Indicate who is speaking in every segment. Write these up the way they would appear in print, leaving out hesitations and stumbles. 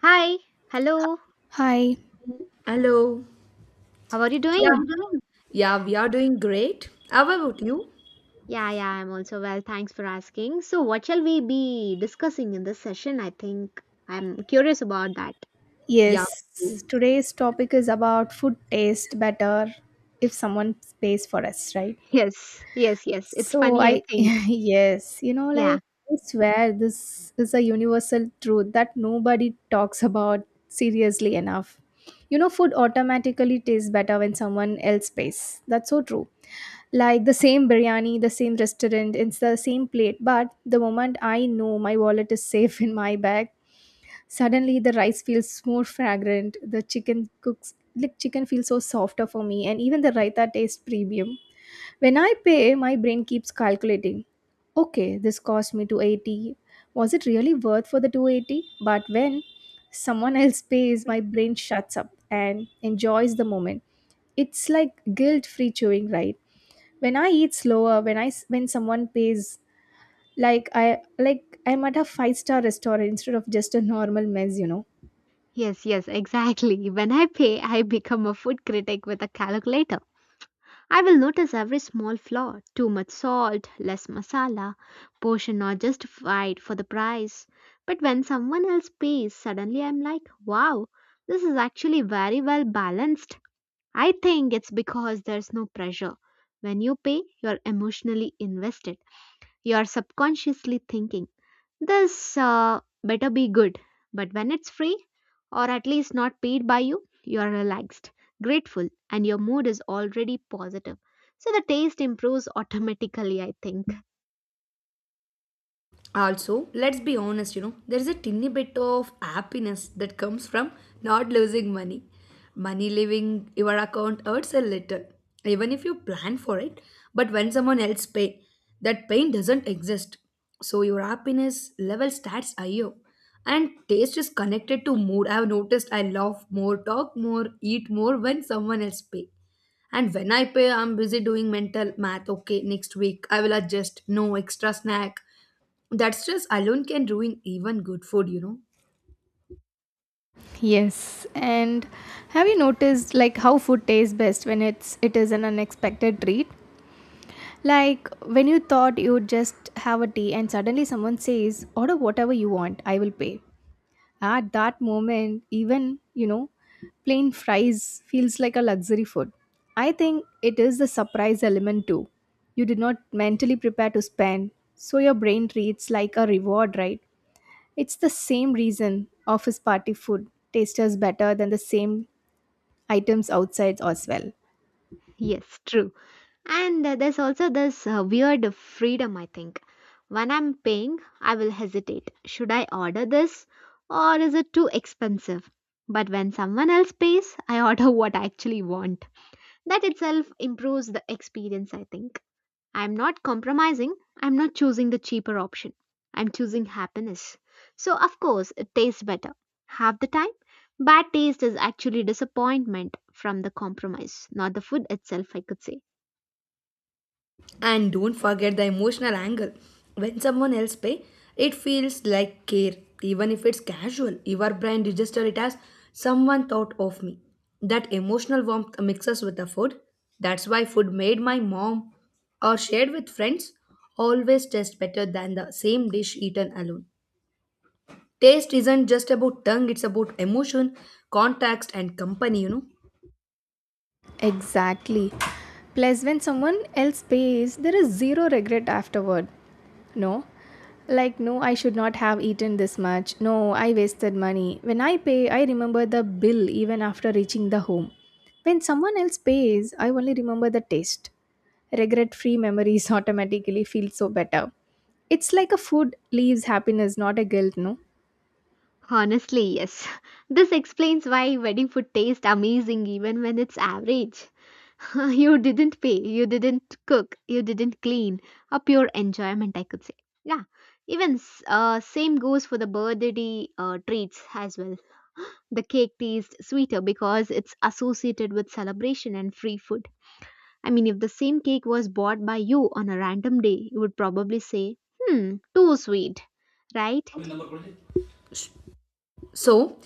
Speaker 1: Hi, hello,
Speaker 2: Hi,
Speaker 3: Hello.
Speaker 1: how are you
Speaker 3: Yeah.
Speaker 1: doing?
Speaker 3: Yeah, we are doing great. How about you?
Speaker 1: Yeah, yeah, I'm also well. Thanks for asking. So, what shall we be discussing in this session? I think I'm curious about that.
Speaker 3: Yeah.
Speaker 2: yes, today's topic is about food taste better if someone pays for us, right?
Speaker 1: Yes. It's
Speaker 2: So,
Speaker 1: funny, I
Speaker 2: I,
Speaker 1: think.
Speaker 2: yes, like
Speaker 1: Yeah,
Speaker 2: I swear this is a universal truth that nobody talks about seriously enough. You know, food automatically tastes better when someone else pays. That's so true. Like the same biryani, the same restaurant, it's the same plate, but the moment I know my wallet is safe in my bag, suddenly the rice feels more fragrant. The chicken cooks like chicken feels so softer for me, and even the raita tastes premium. When I pay, my brain keeps calculating. Okay, this cost me 280. Was it really worth for the 280? But when someone else pays, my brain shuts up and enjoys the moment. It's like guilt free chewing, right? When I eat slower when when someone pays, like I'm at a five-star restaurant instead of just a normal mess, you know.
Speaker 1: yes, yes, exactly. When I pay, I become a food critic with a calculator. I will notice every small flaw, too much salt, less masala, portion not justified for the price. But when someone else pays, suddenly I'm like, wow, this is actually very well balanced. I think it's because there's no pressure. When you pay, you're emotionally invested, you're subconsciously thinking. This better be good. But when it's free, or at least not paid by you, you're relaxed, grateful, and your mood is already positive. So the taste improves automatically, I think.
Speaker 3: Also, let's be honest, you know, there's a tiny bit of happiness that comes from not losing money. Money leaving your account hurts a little, even if you plan for it. But when someone else pay, that pain doesn't exist. So your happiness level starts higher. And taste is connected to mood. I've noticed I love more, talk more, eat more when someone else pay. And when I pay, I'm busy doing mental math. Okay, next week I will adjust. No extra snack. That stress alone can ruin even good food, you know.
Speaker 2: Yes, and have you noticed like how food tastes best when it is an unexpected treat? Like when you thought you'd just have a tea and suddenly someone says, "Order whatever you want, I will pay." At that moment, even, you know, plain fries feels like a luxury food. I think it is the surprise element too. You did not mentally prepare to spend, so your brain treats like a reward, right? It's the same reason office party food tastes better than the same items outside as well.
Speaker 1: Yes, true. And there's also this weird freedom, I think. When I'm paying, I will hesitate. Should I order this or is it too expensive? But when someone else pays, I order what I actually want. That itself improves the experience, I think. I'm not compromising. I'm not choosing the cheaper option. I'm choosing happiness. So, of course, it tastes better. Half the time, bad taste is actually disappointment from the compromise, not the food itself, I could say.
Speaker 3: And don't forget the emotional angle. When someone else pay, it feels like care. Even if it's casual, your brain register it as someone thought of me. That emotional warmth mixes with the food. That's why food made my mom or shared with friends always tastes better than the same dish eaten alone. Taste isn't just about tongue, it's about emotion, context, and company, you know.
Speaker 2: Exactly. Plus, when someone else pays, there is zero regret afterward. No? Like, no, I should not have eaten this much. No, I wasted money. When I pay, I remember the bill even after reaching the home. When someone else pays, I only remember the taste. Regret free memories automatically feel so better. It's like a food leaves happiness, not a guilt, no?
Speaker 1: Honestly, yes. This explains why wedding food tastes amazing even when it's average. you didn't pay, you didn't cook, you didn't clean. A pure enjoyment, I could say. Yeah, even same goes for the birthday treats as well. The cake tastes sweeter because it's associated with celebration and free food. I mean, if the same cake was bought by you on a random day, you would probably say, hmm, too sweet, right?
Speaker 3: So,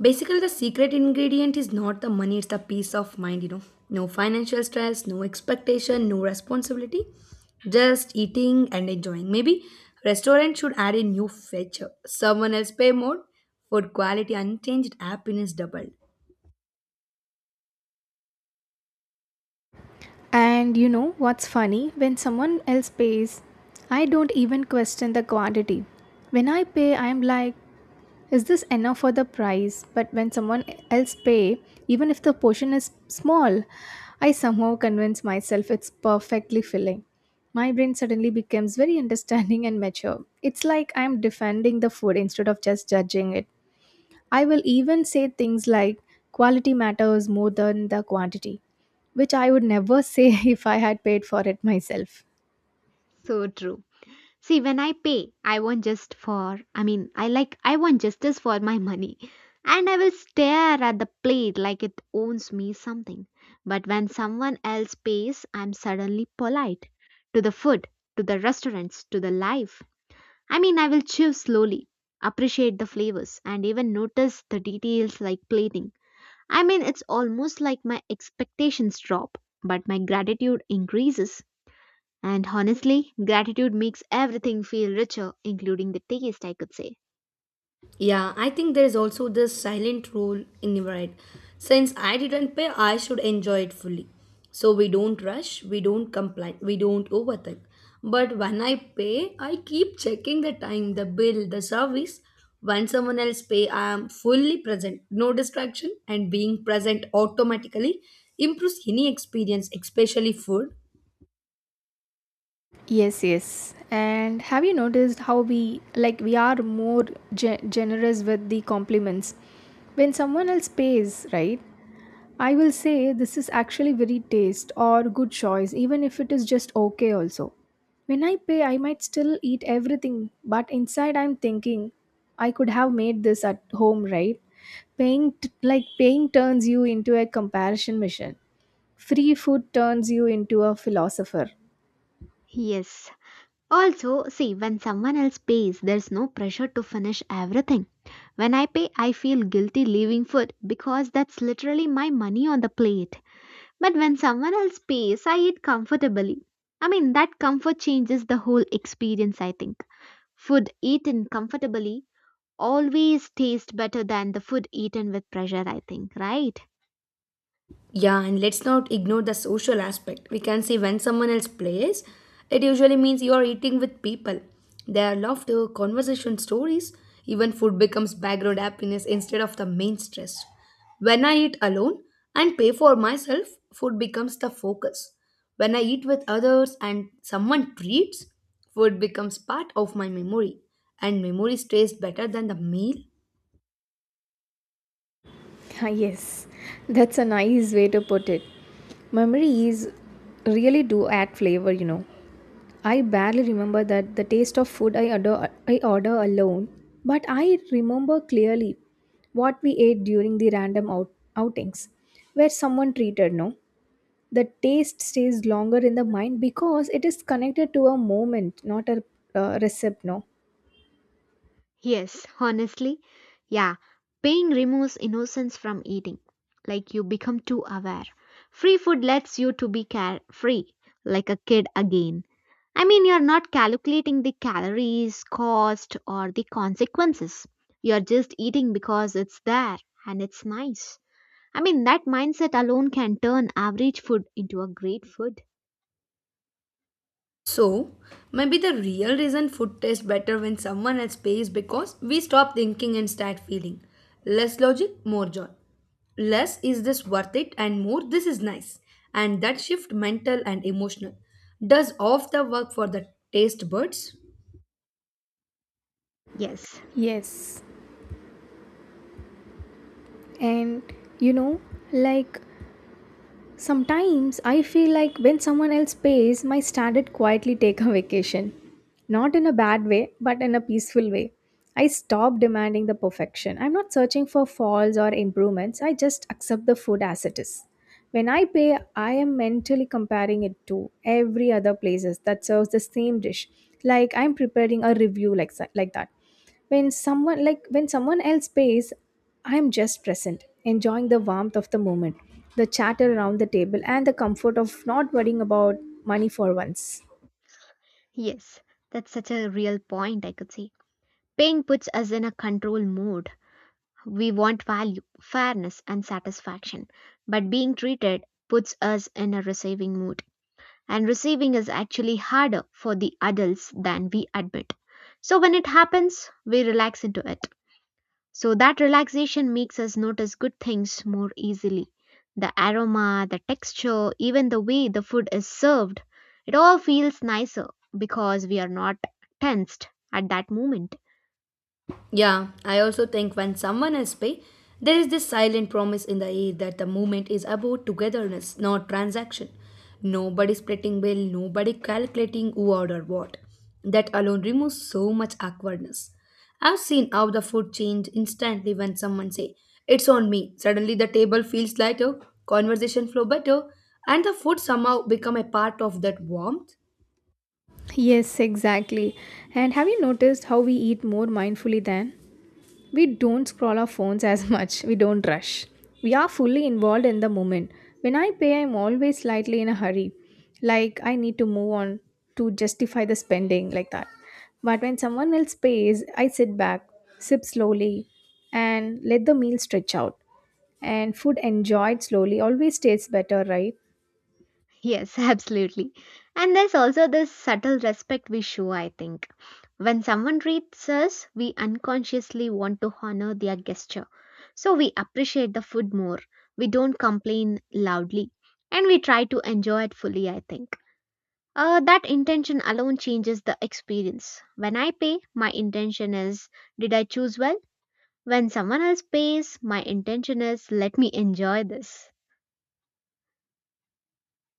Speaker 3: basically, the secret ingredient is not the money, it's the peace of mind, you know. No financial stress, no expectation, no responsibility, just eating and enjoying. Maybe restaurant should add a new feature someone else pay more, food quality unchanged, happiness doubled.
Speaker 2: And you know what's funny? When someone else pays, I don't even question the quantity. When I pay, I'm like, is this enough for the price? But when someone else pay, even if the portion is small, I somehow convince myself it's perfectly filling. My brain suddenly becomes very understanding and mature. It's like I'm defending the food instead of just judging it. I will even say things like quality matters more than the quantity, which I would never say if I had paid for it myself.
Speaker 1: So true. See, when I pay, I want I mean, I want justice for my money. And I will stare at the plate like it owns me something. But when someone else pays, I'm suddenly polite to the food, to the restaurants, to the life. I mean, I will chew slowly, appreciate the flavors, and even notice the details like plating. I mean, it's almost like my expectations drop, but my gratitude increases. And honestly, gratitude makes everything feel richer, including the taste, I could say.
Speaker 3: Yeah, I think there is also this silent rule in Nivarite. Since I didn't pay, I should enjoy it fully. So we don't rush, we don't complain, we don't overthink. But when I pay, I keep checking the time, the bill, the service. When someone else pay, I am fully present, no distraction, and being present automatically improves any experience, especially food.
Speaker 2: Yes, yes. And have you noticed how we are more generous with the compliments when someone else pays, right? I will say this is actually very taste or good choice, even if it is just okay also. When I pay, I might still eat everything, but inside I'm thinking I could have made this at home, right? Paying t- like Paying turns you into a comparison machine. Free food turns you into a philosopher.
Speaker 1: Yes. Also, see, when someone else pays, there's no pressure to finish everything. When I pay, I feel guilty leaving food because that's literally my money on the plate. But when someone else pays, I eat comfortably. I mean, that comfort changes the whole experience, I think. Food eaten comfortably always tastes better than the food eaten with pressure, I think, right?
Speaker 3: Yeah, and let's not ignore the social aspect. We can see when someone else plays, it usually means you are eating with people. There are laughter, conversation, stories. Even food becomes background happiness instead of the main stress. When I eat alone and pay for myself, food becomes the focus. When I eat with others and someone treats, food becomes part of my memory, and memory stays better than the meal.
Speaker 2: Ah, yes, that's a nice way to put it. Memories really do add flavor, you know. I barely remember that the taste of food I order alone, but I remember clearly what we ate during the outings where someone treated, no. The taste stays longer in the mind because it is connected to a moment, not a recipe, no.
Speaker 1: Yes, honestly, yeah. Pain removes innocence from eating. Like you become too aware. Free food lets you to be carefree, like a kid again. I mean, you're not calculating the calories, cost, or the consequences. You're just eating because it's there and it's nice. I mean, that mindset alone can turn average food into a great food.
Speaker 3: So, maybe the real reason food tastes better when someone else pays because we stop thinking and start feeling. Less logic, more joy. Less is this worth it and more this is nice. And that shift mental and emotional does off the work for the taste buds.
Speaker 1: Yes,
Speaker 2: Yes, and you know, like sometimes I feel like when someone else pays, my standard quietly take a vacation. Not in a bad way, but in a peaceful way. I stop demanding the perfection. I'm not searching for faults or improvements. I just accept the food as it is. When I pay, I am mentally comparing it to every other places that serves the same dish. Like I'm preparing a review like that when someone like when someone else pays, I am just present, enjoying the warmth of the moment, the chatter around the table, and the comfort of not worrying about money for once.
Speaker 1: yes, that's such a real point, I could say. Pain puts us in a control mode. We want value, fairness, and satisfaction, but being treated puts us in a receiving mood. And receiving is actually harder for the adults than we admit. So when it happens, we relax into it. So that relaxation makes us notice good things more easily. The aroma, the texture, even the way the food is served, it all feels nicer because we are not tensed at that moment.
Speaker 3: Yeah, I also think when someone is pay, there is this silent promise in the air that the movement is about togetherness, not transaction. Nobody splitting bill, nobody calculating who ordered what. That alone removes so much awkwardness. I've seen how the food change instantly when someone say, "It's on me." Suddenly the table feels lighter, conversation flow better, and the food somehow become a part of that warmth.
Speaker 2: Yes, exactly. And have you noticed how we eat more mindfully then? We don't scroll our phones as much, we don't rush. We are fully involved in the moment. When I pay, I'm always slightly in a hurry, like I need to move on to justify the spending, like that. But when someone else pays, I sit back, sip slowly, and let the meal stretch out. And food enjoyed slowly always tastes better, right?
Speaker 1: Yes, absolutely. And there's also this subtle respect we show, I think. When someone treats us, we unconsciously want to honor their gesture. So we appreciate the food more. We don't complain loudly. And we try to enjoy it fully, I think. That intention alone changes the experience. When I pay, my intention is, did I choose well? When someone else pays, my intention is, let me enjoy this,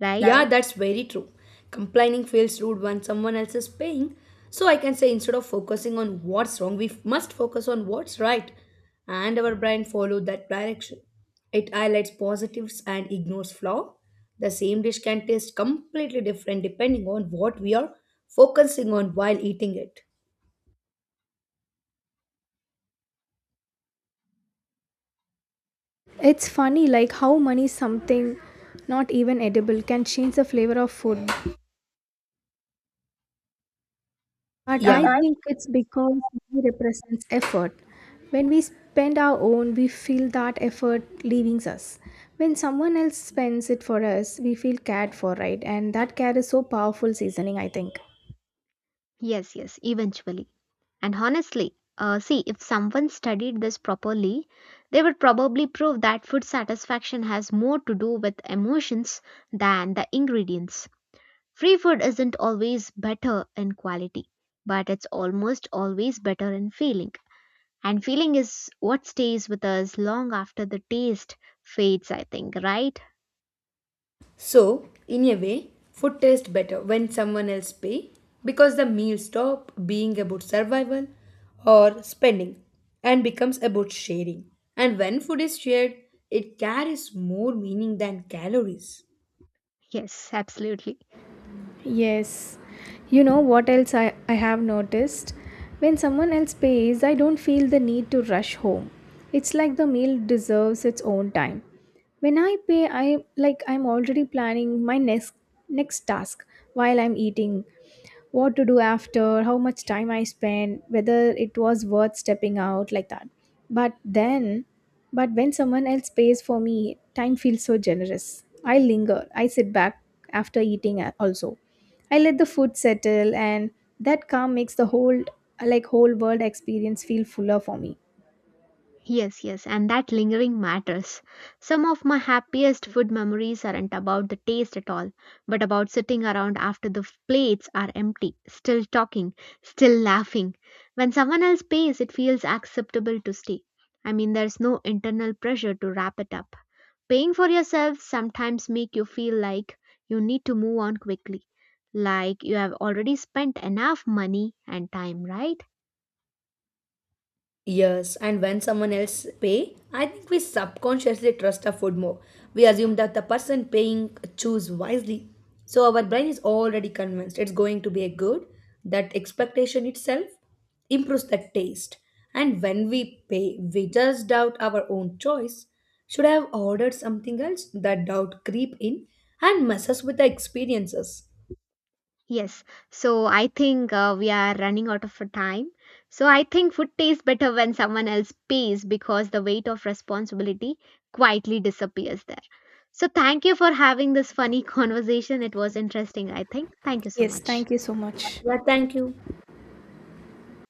Speaker 1: right?
Speaker 3: Yeah, that's very true. Complaining feels rude when someone else is paying. So I can say instead of focusing on what's wrong, we must focus on what's right. And our brain follows that direction. It highlights positives and ignores flaw. The same dish can taste completely different depending on what we are focusing on while eating it.
Speaker 2: It's funny like how money, something not even edible, can change the flavor of food.
Speaker 3: And
Speaker 2: But I
Speaker 3: yeah.
Speaker 2: think it's because money represents effort. When we spend our own, we feel that effort leaving us. When someone else spends it for us, we feel cared for, right? And that care is so powerful seasoning, I think.
Speaker 1: Yes, yes, eventually. And honestly, see, if someone studied this properly, they would probably prove that food satisfaction has more to do with emotions than the ingredients. Free food isn't always better in quality, but it's almost always better in feeling. And feeling is what stays with us long after the taste fades, I think, right?
Speaker 3: So, in a way, food tastes better when someone else pays because the meal stops being about survival or spending and becomes about sharing. And when food is shared, it carries more meaning than calories.
Speaker 1: Yes, absolutely.
Speaker 2: Yes. You know what else I have noticed? When someone else pays, I don't feel the need to rush home. It's like the meal deserves its own time. When I pay, I like I'm already planning my next task while I'm eating, what to do after, how much time I spent, whether it was worth stepping out like that. But then, but when someone else pays for me, time feels so generous. I linger, I sit back after also. I let the food settle, and that calm makes the whole world experience feel fuller for me.
Speaker 1: Yes, yes, and that lingering matters. Some of my happiest food memories aren't about the taste at all, but about sitting around after the plates are empty, still talking, still laughing. When someone else pays, it feels acceptable to stay. I mean, there's no internal pressure to wrap it up. Paying for yourself sometimes make you feel like you need to move on quickly, like you have already spent enough money and time, right?
Speaker 3: Yes, and when someone else pay, I think we subconsciously trust our food more. We assume that the person paying choose wisely. So our brain is already convinced it's going to be a good. That expectation itself improves the taste. And when we pay, we just doubt our own choice. Should I have ordered something else? That doubt creep in and messes with the experiences.
Speaker 1: Yes, so I think we are running out of time. So I think food tastes better when someone else pays because the weight of responsibility quietly disappears there. So thank you for having this funny conversation. It was interesting, I think. Thank you so
Speaker 2: Yes,
Speaker 1: much.
Speaker 2: thank you so much.
Speaker 3: Yeah, thank you.